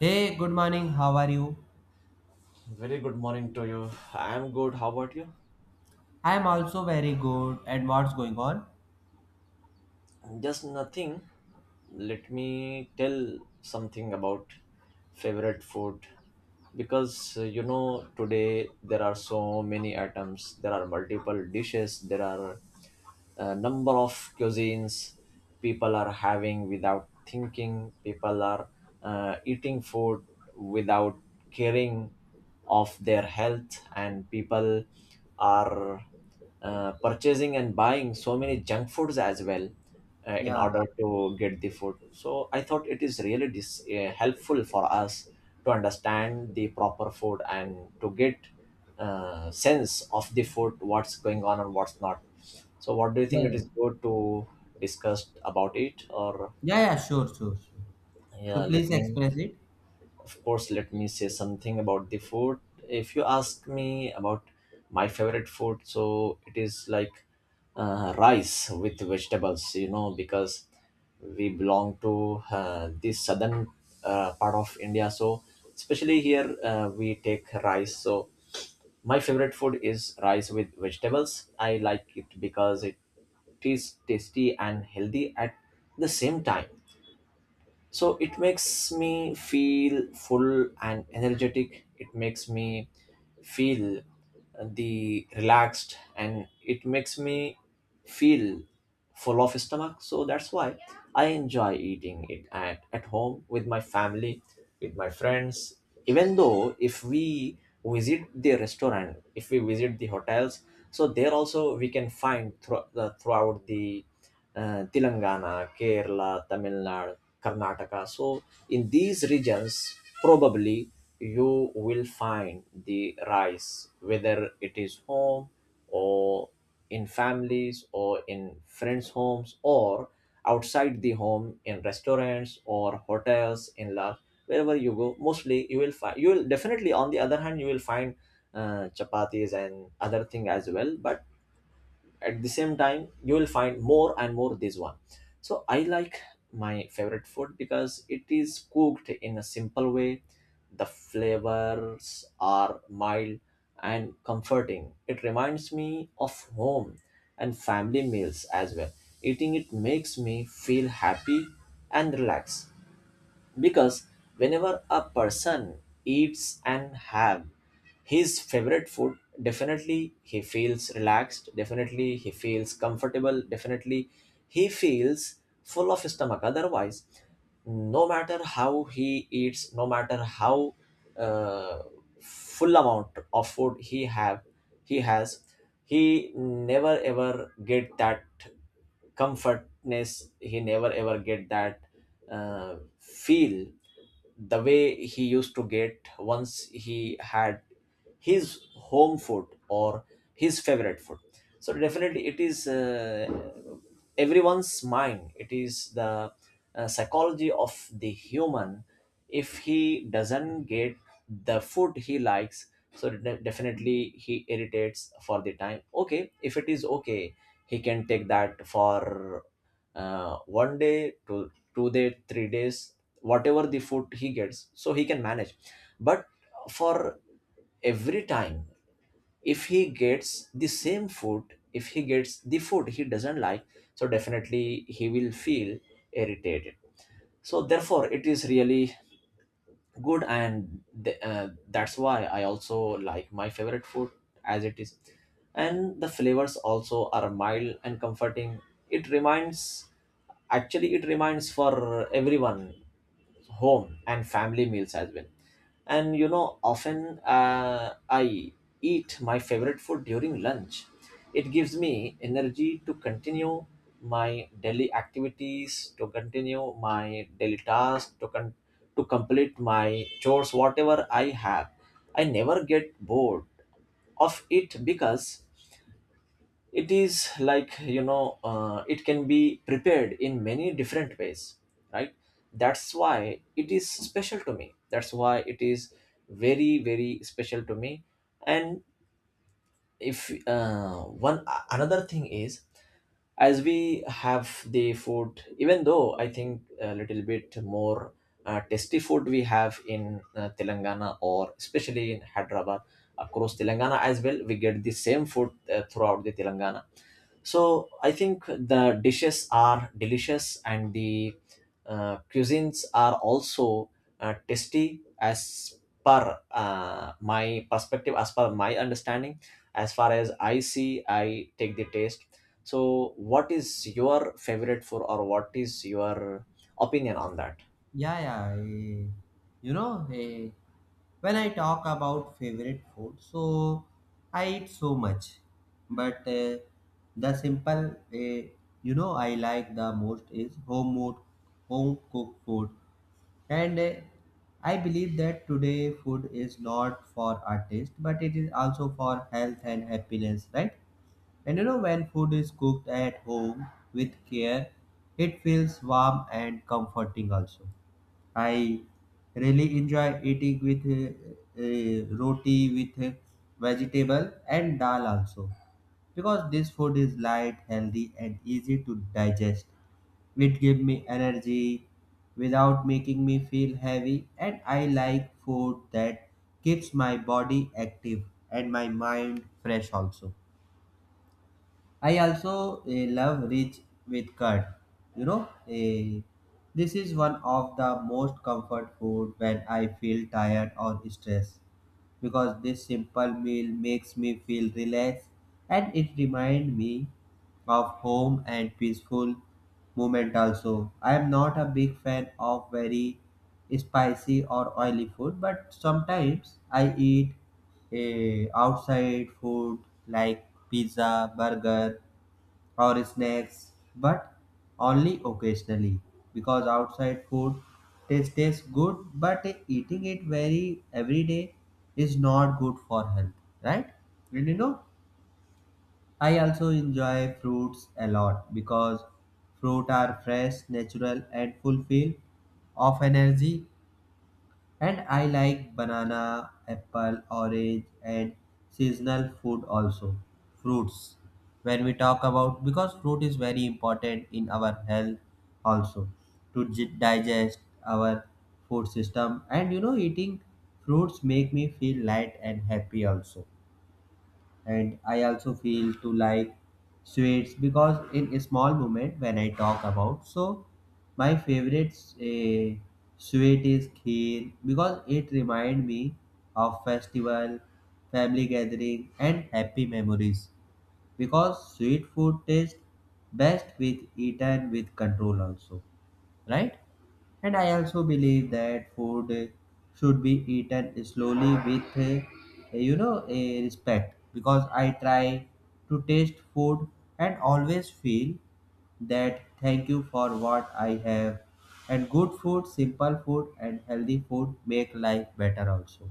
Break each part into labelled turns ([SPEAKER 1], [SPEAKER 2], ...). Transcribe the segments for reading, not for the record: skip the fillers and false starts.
[SPEAKER 1] Hey, good morning. How are you?
[SPEAKER 2] Very good morning to you. I'm good. How about you?
[SPEAKER 1] I am also very good. And what's going on?
[SPEAKER 2] Just nothing. Let me tell something about favorite food because today there are so many items, there are multiple dishes, there are a number of cuisines people are having without thinking. People are eating food without caring of their health, and people are purchasing and buying so many junk foods as well in
[SPEAKER 1] Yeah,
[SPEAKER 2] order to get the food. So I thought it is really helpful for us to understand the proper food and to get sense of the food, what's going on and what's not. So, what do you
[SPEAKER 1] yeah,
[SPEAKER 2] think? It
[SPEAKER 1] yeah,
[SPEAKER 2] is good to discuss about it, or
[SPEAKER 1] yeah, yeah, sure, sure, sure. So
[SPEAKER 2] yeah, let
[SPEAKER 1] please
[SPEAKER 2] me,
[SPEAKER 1] express it.
[SPEAKER 2] of course, let me say something about the food. If you ask me about my favorite food, so it is like rice with vegetables, because we belong to the southern part of India. So, especially here, we take rice. So, my favorite food is rice with vegetables. I like it because it is tasty and healthy at the same time, so it makes me feel full and energetic. It makes me feel the relaxed, and it makes me feel full of stomach. So that's why I enjoy eating it at home with my family, with my friends, even though if we visit the restaurant, if we visit the hotels. So there also we can find throughout the Telangana, Kerala, Tamil Nadu, Karnataka. So, in these regions, probably you will find the rice, whether it is home or in families or in friends' homes or outside the home in restaurants or hotels in large. Wherever you go, mostly you will find, you will definitely, on the other hand you will find chapatis and other thing as well, but at the same time you will find more and more this one. So I like my favorite food because it is cooked in a simple way. The flavors are mild and comforting. It reminds me of home and family meals as well. Eating it makes me feel happy and relaxed because whenever a person eats and have his favorite food, definitely he feels relaxed, definitely he feels comfortable, definitely he feels full of stomach. Otherwise, no matter how he eats, no matter how uh, full amount of food he has, he never ever get that comfortness, he never ever get that feel the way he used to get once he had his home food or his favorite food. So definitely it is everyone's mind, it is the psychology of the human. If he doesn't get the food he likes, so definitely he irritates for the time. Okay, if it is okay, he can take that for one day to 2 day 3 days, whatever the food he gets, so he can manage. But for every time, if he gets the same food, if he gets the food he doesn't like, so definitely he will feel irritated. So therefore it is really good, and that's why I also like my favorite food as it is, and the flavors also are mild and comforting. It reminds, actually it reminds for everyone home and family meals as well. And you know, often I eat my favorite food during lunch. It gives me energy to continue my daily activities, to continue my daily tasks, to complete my chores, whatever I have. I never get bored of it because it is like, it can be prepared in many different ways, right? That's why it is special to me. That's why it is very, very special to me. And if one another thing is, as we have the food, even though I think a little bit more tasty food we have in Telangana or especially in Hyderabad. Across Telangana as well, we get the same food throughout the Telangana. So I think the dishes are delicious, and the cuisines are also tasty as per my perspective, as per my understanding. As far as I see, I take the taste. So, what is your favorite food, or what is your opinion on that?
[SPEAKER 1] Yeah, yeah. You know, eh, when I talk about favorite food, so I eat so much, but the simple, I like the most is home food, home cooked food. And I believe that today food is not for our taste, but it is also for health and happiness, right? When food is cooked at home with care, it feels warm and comforting also. I really enjoy eating with roti with vegetable and dal also because this food is light, healthy, and easy to digest. It gives me energy without making me feel heavy, and I like food that keeps my body active and my mind fresh also. I also love rich with curd. You know, eh, this is one of the most comfort food when I feel tired or stressed because this simple meal makes me feel relaxed and it reminds me of home and peaceful moment also. I am not a big fan of very spicy or oily food, but sometimes I eat outside food like pizza, burger, or snacks, but only occasionally because outside food tastes good, but eating it very every day is not good for health, right? And you know, I also enjoy fruits a lot because fruit are fresh, natural, and full feel of energy and I like banana, apple, orange, and seasonal food also. Fruits. When we talk about, because fruit is very important in our health also to digest our food system. Eating fruits make me feel light and happy also and I also feel to like sweets because in a small moment when I talk about so my favorite uh, sweet is kheer because it remind me of festival family gathering and happy memories because sweet food tastes best with eaten with control also, right? And I also believe that food should be eaten slowly with, a respect because I try to taste food and always feel that thank you for what I have. And good food, simple food, and healthy food make life better also.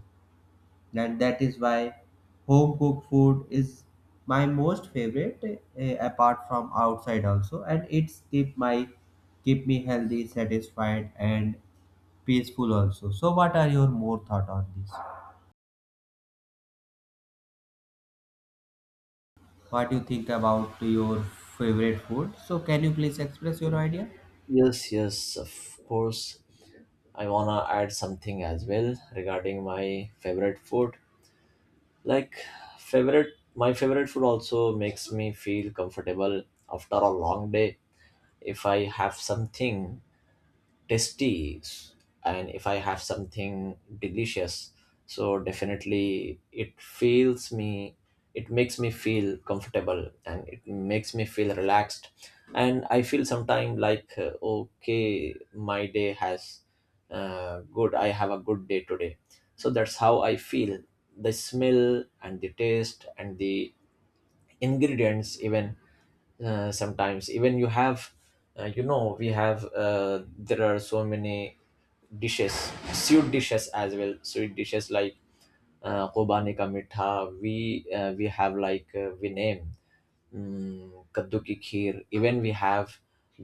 [SPEAKER 1] And that is why home cooked food is my most favorite apart from outside also and it's keep me healthy satisfied and peaceful also. So, what are your more thought on this? What do you think about your favorite food? So, can you please express your idea?
[SPEAKER 2] Yes, yes, of course. I wanna add something as well regarding my favorite food. Like, favorite my favorite food also makes me feel comfortable after a long day. If I have something tasty, and if I have something delicious, so definitely it feels me, it makes me feel comfortable, and it makes me feel relaxed. And I feel sometimes like, okay, my day has good, I have a good day today. So that's how I feel the smell and the taste and the ingredients even. Sometimes even you have you know we have there are so many dishes, sweet dishes as well. Sweet dishes like kobani ka mitha, we have like we name kaddu ki kheer, even we have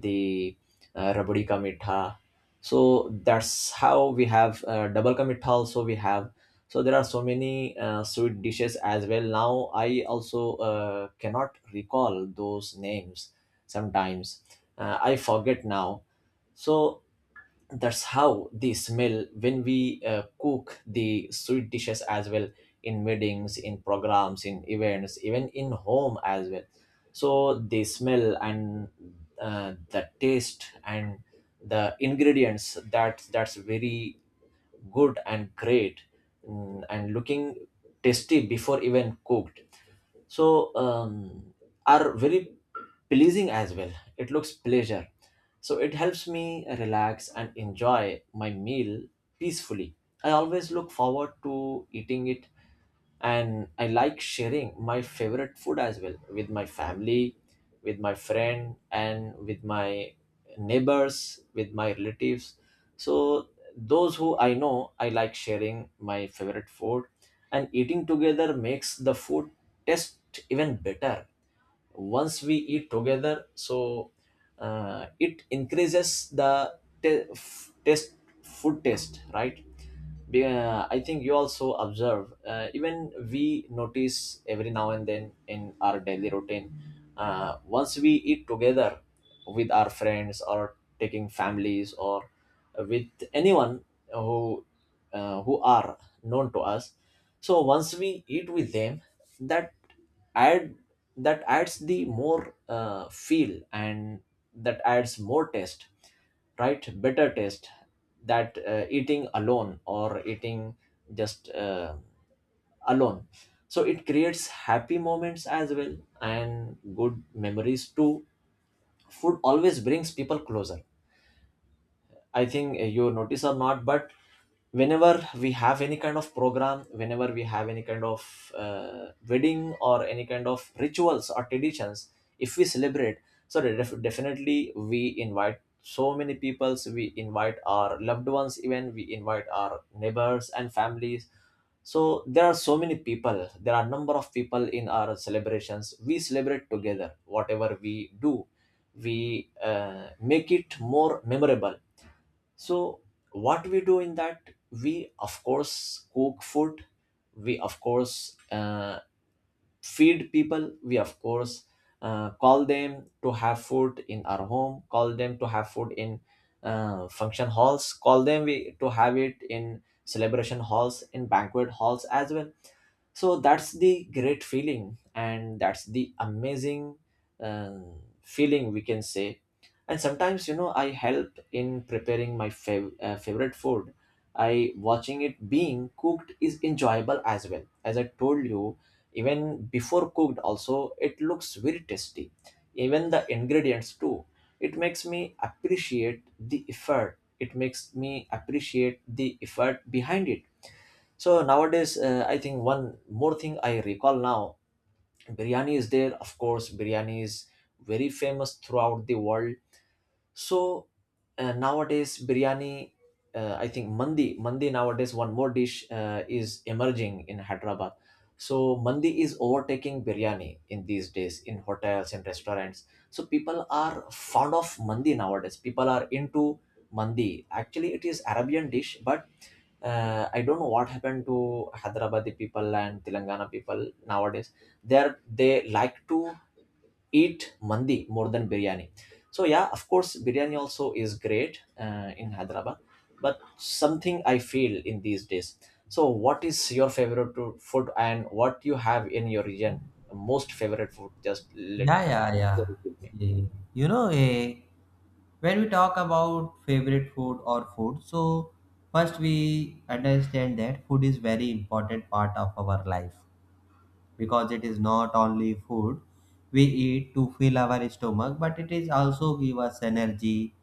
[SPEAKER 2] the rabdi ka mitha. So that's how we have double ka mitha also we have. So there are so many sweet dishes as well. Now I also cannot recall those names sometimes, I forget now. So that's how they smell when we cook the sweet dishes as well, in meetings, in programs, in events, even in home as well. So they smell, and the taste and the ingredients, that's very good and great. Mm, and looking tasty before even cooked, so are very pleasing as well. It looks pleasure. So it helps me relax and enjoy my meal peacefully. I always look forward to eating it, and I like sharing my favorite food as well with my family, with my friend, and with my neighbors, with my relatives. So those who I know, I like sharing my favorite food, and eating together makes the food taste even better. Once we eat together, so it increases the taste, food taste, right? I think you also observe, even we notice every now and then in our daily routine, once we eat together with our friends or taking families or with anyone who who are known to us. So once we eat with them, that add that adds the more feel, and that adds more taste, right? Better taste, that eating alone or eating just alone. So it creates happy moments as well and good memories too. Food always brings people closer. I think you notice or not, but whenever we have any kind of program, whenever we have any kind of wedding or any kind of rituals or traditions, if we celebrate, so definitely we invite so many peoples. We invite our loved ones, even we invite our neighbors and families. So there are so many people. There are number of people in our celebrations. We celebrate together. Whatever we do, we make it more memorable. So, what we do in that, we of course cook food, we of course feed people, we of course call them to have food in our home, call them to have food in function halls, to have it in celebration halls, in banquet halls as well. So that's the great feeling, and that's the amazing um, feeling, we can say. And sometimes, you know, I help in preparing my favorite food. I watching it being cooked is enjoyable as well, as I told you. Even before cooked also, it looks very tasty, even the ingredients too. It makes me appreciate the effort, it makes me appreciate the effort behind it. So nowadays I think one more thing I recall now, biryani is there. Of course, biryani is very famous throughout the world. So nowadays, biryani, I think mandi, nowadays, one more dish is emerging in Hyderabad. So mandi is overtaking biryani in these days in hotels and restaurants. So people are fond of mandi nowadays. People are into mandi. Actually, it is Arabian dish, but I don't know what happened to Hyderabadi people and Telangana people nowadays. They like to eat mandi more than biryani. So yeah, of course, biryani also is great in Hyderabad, but something I feel in these days. So what is your favorite food, and what you have in your region? Most favorite food? Just let
[SPEAKER 1] Yeah, yeah,
[SPEAKER 2] share
[SPEAKER 1] yeah.
[SPEAKER 2] it with me.
[SPEAKER 1] Yeah. You know, eh, when we talk about favorite food or food, so first we understand that food is very important part of our life because it is not only food we eat to fill our stomach, but it is also give us energy,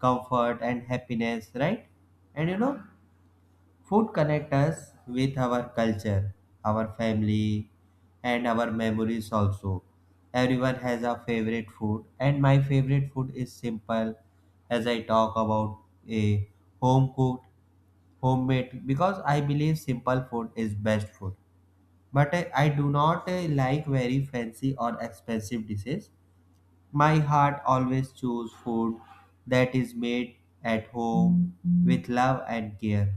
[SPEAKER 1] comfort, and happiness, right? And you know, Food connect us with our culture, our family, and our memories also. Everyone has a favorite food, and my favorite food is simple as I talk about a home cooked, homemade because I believe simple food is best food. But I do not like very fancy or expensive dishes. My heart always choose food that is made at home with love and care.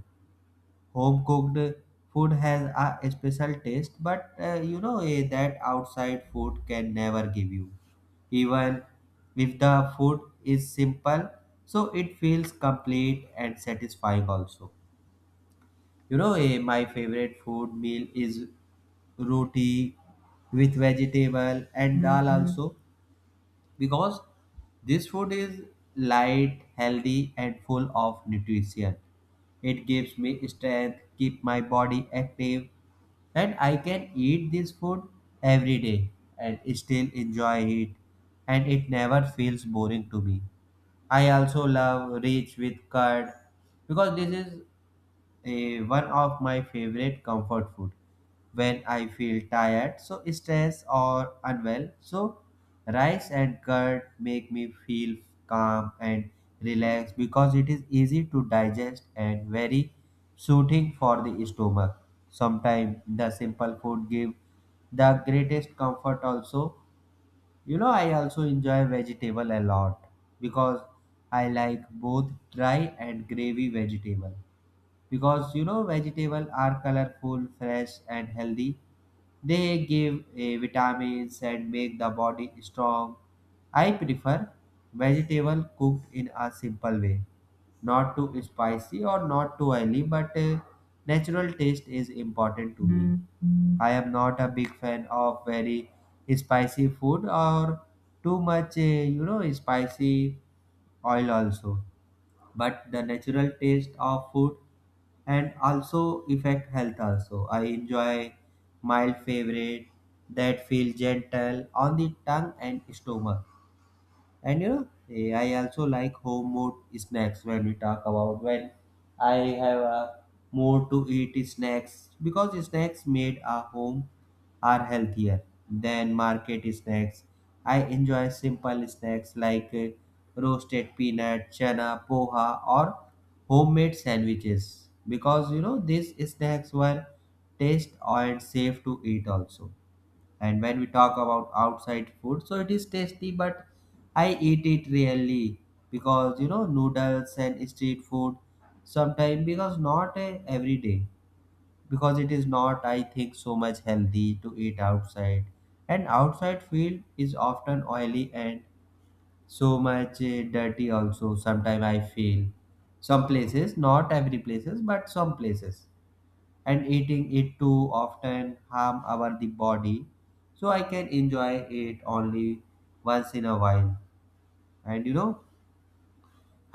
[SPEAKER 1] Home cooked food has a special taste, but that outside food can never give you. Even if the food is simple, so it feels complete and satisfying also. My favorite food meal is roti with vegetable and dal also because this food is light, healthy, and full of nutrition. It gives me strength, keep my body active, and I can eat this food every day and still enjoy it, and it never feels boring to me. I also love rich with curd because this is one of my favorite comfort food when I feel tired, so stressed or unwell. So rice and curd make me feel calm and relaxed because it is easy to digest and very soothing for the stomach. Sometimes the simple food give the greatest comfort also. I also enjoy vegetable a lot because I like both dry and gravy vegetable because vegetables are colorful, fresh, and healthy. They give vitamins and make the body strong. I prefer vegetable cooked in a simple way, not too spicy or not too oily, but natural taste is important to me. I am not a big fan of very spicy food or too much, spicy oil also but the natural taste of food and also affect health also I enjoy mild favorite that feel gentle on the tongue and stomach and I also like home mode snacks when we talk about when I have a more to eat snacks because snacks made at home are healthier than market snacks. I enjoy simple snacks like roasted peanut, chana, poha, or homemade sandwiches because these snacks were taste and safe to eat also. And when we talk about outside food so it is tasty but I eat it rarely because noodles and street food sometimes because not a every day because it is not I think so much healthy to eat outside. And outside field is often oily and so much dirty also sometimes I feel some places not every places but some places and eating it too often harm our the body so I can enjoy it only once in a while. And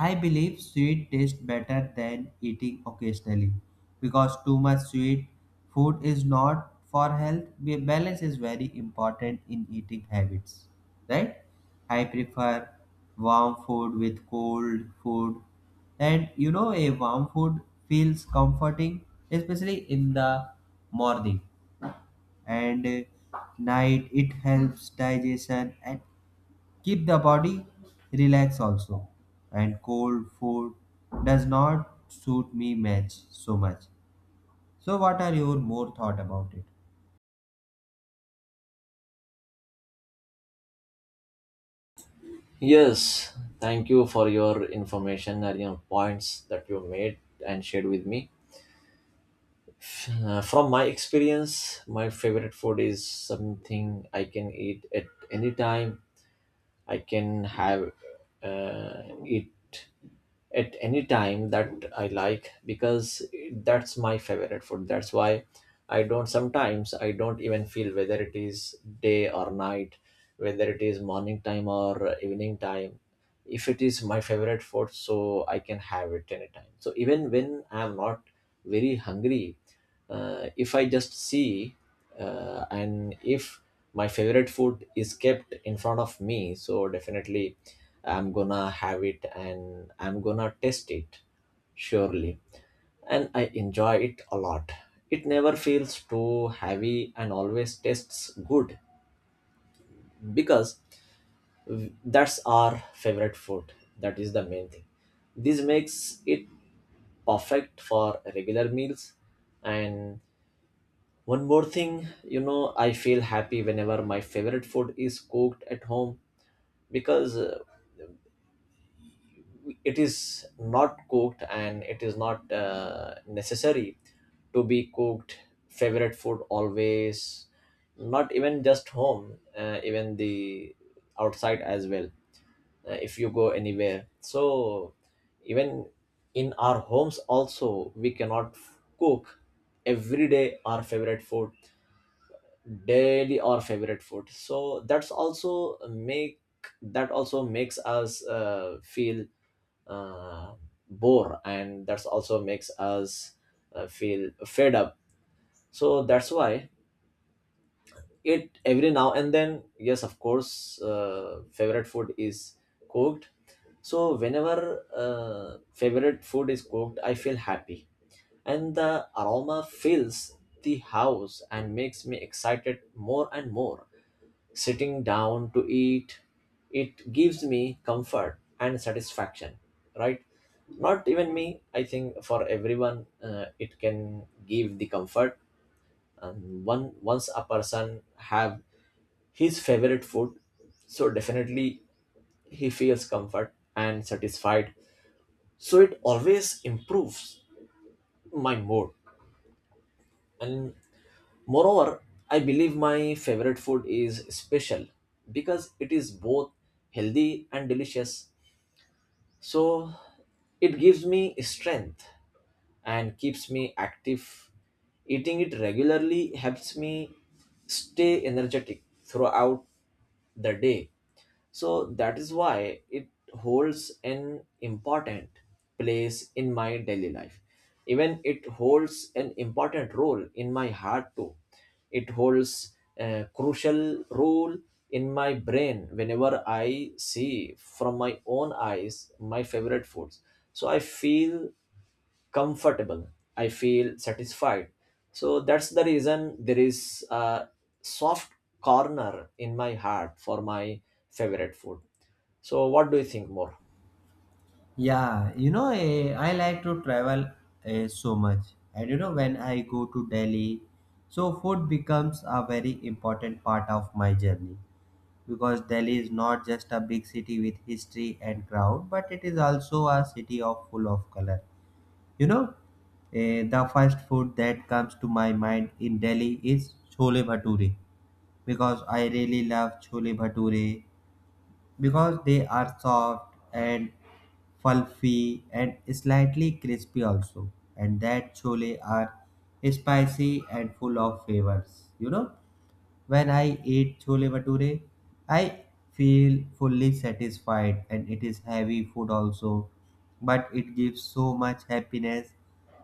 [SPEAKER 1] I believe sweet tastes better than eating occasionally because too much sweet food is not for health. Balance is very important in eating habits, right? I prefer warm food with cold food, and a warm food feels comforting, especially in the morning and night. It helps digestion and keep the body relaxed also and cold food does not suit me much so much. So what are your more thought about it?
[SPEAKER 2] Yes, thank you for your information and your points that you made and shared with me. From my experience, my favorite food is something I can eat at any time. I can have it at any time that I like because that's my favorite food. That's why I don't sometimes I don't even feel whether it is day or night, whether it is morning time or evening time. If it is my favorite food, so I can have it anytime. So even when I'm not very hungry, if I just see and if my favorite food is kept in front of me, so definitely I'm gonna have it and I'm gonna taste it surely, and I enjoy it a lot. It never feels too heavy and always tastes good because that's our favorite food. That is the main thing. This makes it perfect for regular meals. And one more thing, I feel happy whenever my favorite food is cooked at home because it is not cooked and it is not necessary to be cooked. Favorite food always, not even just home, even the outside as well. If you go anywhere, so even in our homes also we cannot f- cook every day our favorite food daily, or favorite food, so that also makes us feel uh, bore, and that's also makes us feel fed up. So that's why it every now and then, yes, of course, favorite food is cooked. So whenever favorite food is cooked, I feel happy, and the aroma fills the house and makes me excited more and more. Sitting down to eat, it gives me comfort and satisfaction, right? Not even me, I think for everyone it can give the comfort. And one once a person have his favorite food, so definitely he feels comfort and satisfied. So it always improves my mood. And moreover, I believe my favorite food is special because it is both healthy and delicious. So it gives me strength and keeps me active. Eating it regularly helps me stay energetic throughout the day. So that is why it holds an important place in my daily life. Even it holds an important role in my heart too. It holds a crucial role in my brain whenever I see from my own eyes my favorite foods. So I feel comfortable. I feel satisfied. So that's the reason there is a soft corner in my heart for my favorite food. So what do you think more?
[SPEAKER 1] Yeah, I like to travel so much and when I go to Delhi so food becomes a very important part of my journey because Delhi is not just a big city with history and crowd but it is also a city of full of color. You know, the first food that comes to my mind in Delhi is chole bhature because I really love chole bhature because they are soft and fluffy and slightly crispy also and that chole are spicy and full of flavors. When I eat chole bhature, I feel fully satisfied and it is heavy food also, but it gives so much happiness.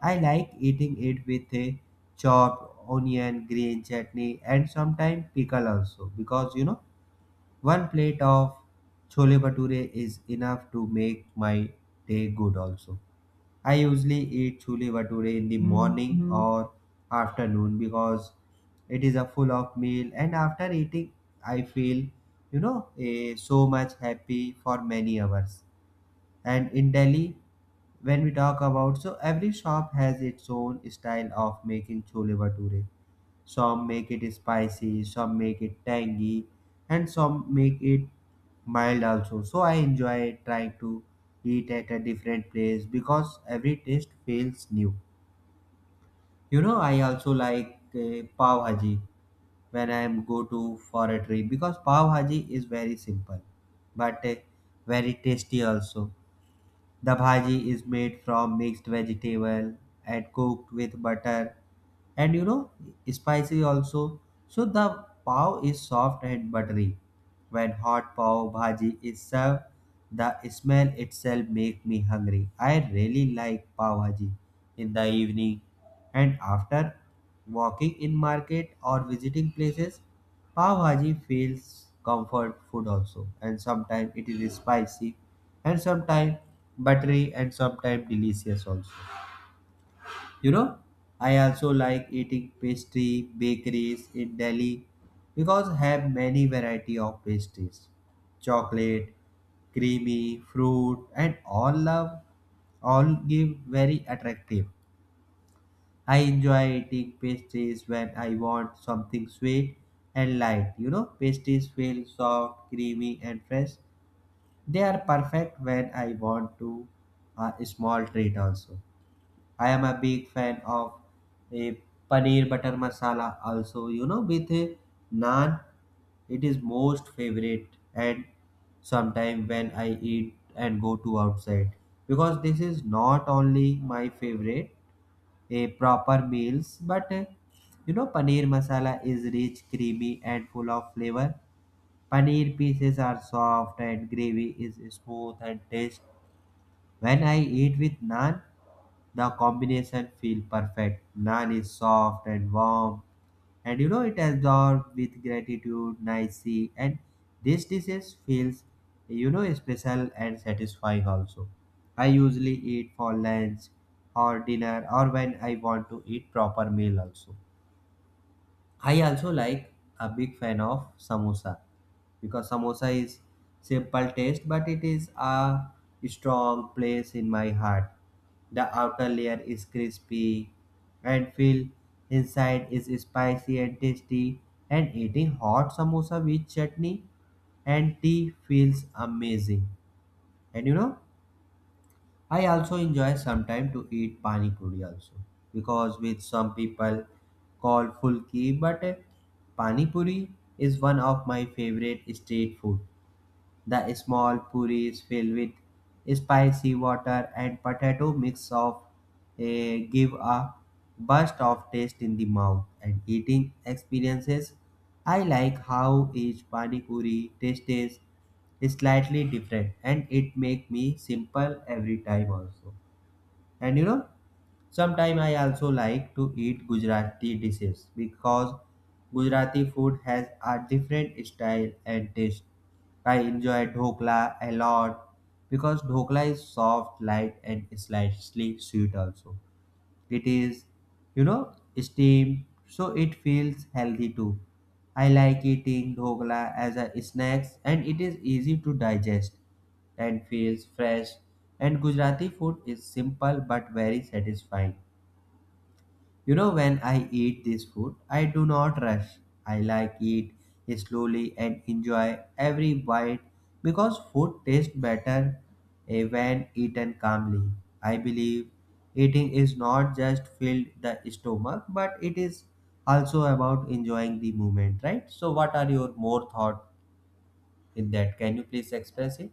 [SPEAKER 1] I like eating it with a chopped onion, green chutney, and sometimes pickle also because one plate of chole bhature is enough to make my day good also. I usually eat chole bhature in the morning or afternoon because it is a full of meal and after eating I feel so much happy for many hours. And in Delhi when we talk about so every shop has its own style of making chole bhature, some make it spicy, some make it tangy, and some make it mild also. So I enjoy trying to eat at a different place because every taste feels new. I also like pav bhaji when I am go to for a trip because pav bhaji is very simple but very tasty also. The bhaji is made from mixed vegetable and cooked with butter and spicy also. So the pav is soft and buttery. When hot pav bhaji is served, the smell itself make me hungry. I really like pav bhaji in the evening and after walking in market or visiting places. Pav bhaji feels comfort food also and sometimes it is spicy and sometimes buttery and sometimes delicious also. You know i also like eating pastry bakeries in Delhi because have many variety of pastries, chocolate, creamy, fruit, and all love all give very attractive. I enjoy eating pastries when I want something sweet and light. Pastries feel soft creamy and fresh, they are perfect when I want to a small treat also. I am a big fan of a paneer butter masala also. With a naan, it is most favorite and sometime when I eat and go to outside because this is not only my favorite a proper meals but paneer masala is rich creamy and full of flavor. Paneer pieces are soft and gravy is smooth and taste. When I eat with naan, the combination feel perfect. Naan is soft and warm, and it absorbed with gratitude, nicely, and this dish feels special and satisfying also. I usually eat for lunch or dinner or when I want to eat proper meal also. I also like a big fan of samosa because samosa is simple taste but it is a strong place in my heart. The outer layer is crispy and feel inside is spicy and tasty and eating hot samosa with chutney and tea feels amazing. And I also enjoy sometime to eat pani puri also because with some people call fulki but pani puri is one of my favorite street food. The small puri is filled with spicy water and potato mix of give a burst of taste in the mouth and eating experiences. I like how each pani puri taste is slightly different and it make me simple every time also. And sometimes I also like to eat Gujarati dishes because Gujarati food has a different style and taste. I enjoy dhokla a lot because dhokla is soft, light, and slightly sweet also. It is, steamed, so it feels healthy too. I like eating dhokla as a snack and it is easy to digest and feels fresh. And Gujarati food is simple but very satisfying. When I eat this food, I do not rush. I like eat slowly and enjoy every bite because food tastes better when eaten calmly. I believe eating is not just fill the stomach, but it is also about enjoying the moment, right? So, what are your more thoughts in that? Can you please express it?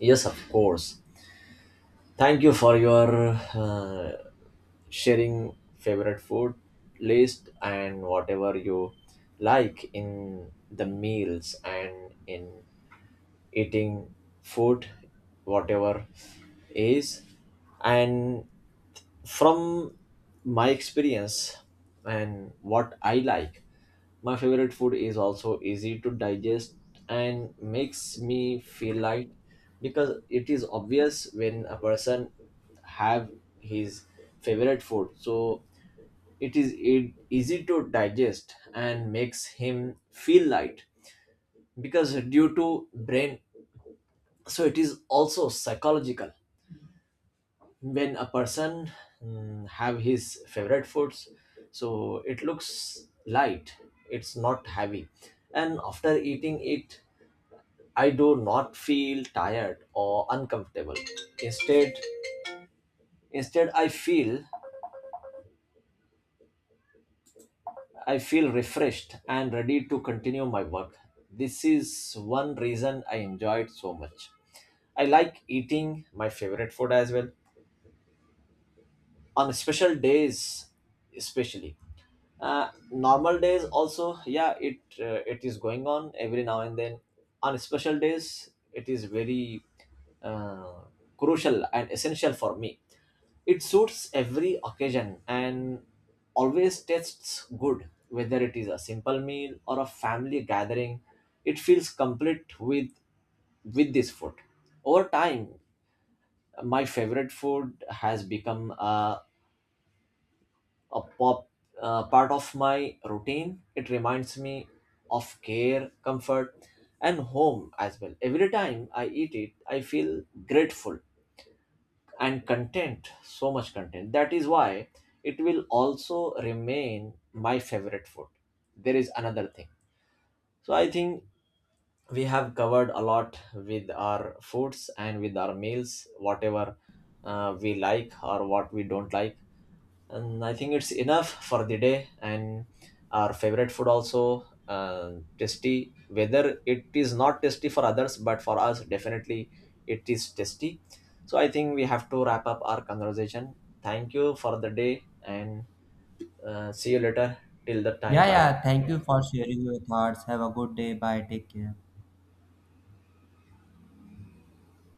[SPEAKER 2] Yes, of course. Thank you for your sharing favorite food list and whatever you like in the meals and in eating food, whatever is. And from my experience and what I like, my favorite food is also easy to digest and makes me feel light because it is obvious when a person have his favorite food, so it is e- easy to digest and makes him feel light. Because due to brain, so it is also psychological. When a person have his favorite foods, so it looks light, it's not heavy, and after eating it I do not feel tired or uncomfortable. instead Instead I feel, I feel refreshed and ready to continue my work. This is one reason I enjoy it so much. I like eating my favorite food as well on special days, especially normal days also. Yeah, it it is going on every now and then. On special days it is very uh, crucial and essential for me. It suits every occasion and always tastes good, whether it is a simple meal or a family gathering. It feels complete with this food. Over time, my favorite food has become a part of my routine. It reminds me of care, comfort, and home as well. Every time I eat it, I feel grateful and content, so much content. That is why it will also remain my favorite food. There is another thing. So I think we have covered a lot with our foods and with our meals, whatever we like or what we don't like, and I think it's enough for the day. And our favorite food also tasty, whether it is not tasty for others, but for us definitely it is tasty. So I think we have to wrap up our conversation. Thank you for the day, and see you later. Till the time,
[SPEAKER 1] Yeah,
[SPEAKER 2] bye bye.
[SPEAKER 1] yeah. Thank you for sharing your thoughts. Have a good day. Bye. Take care.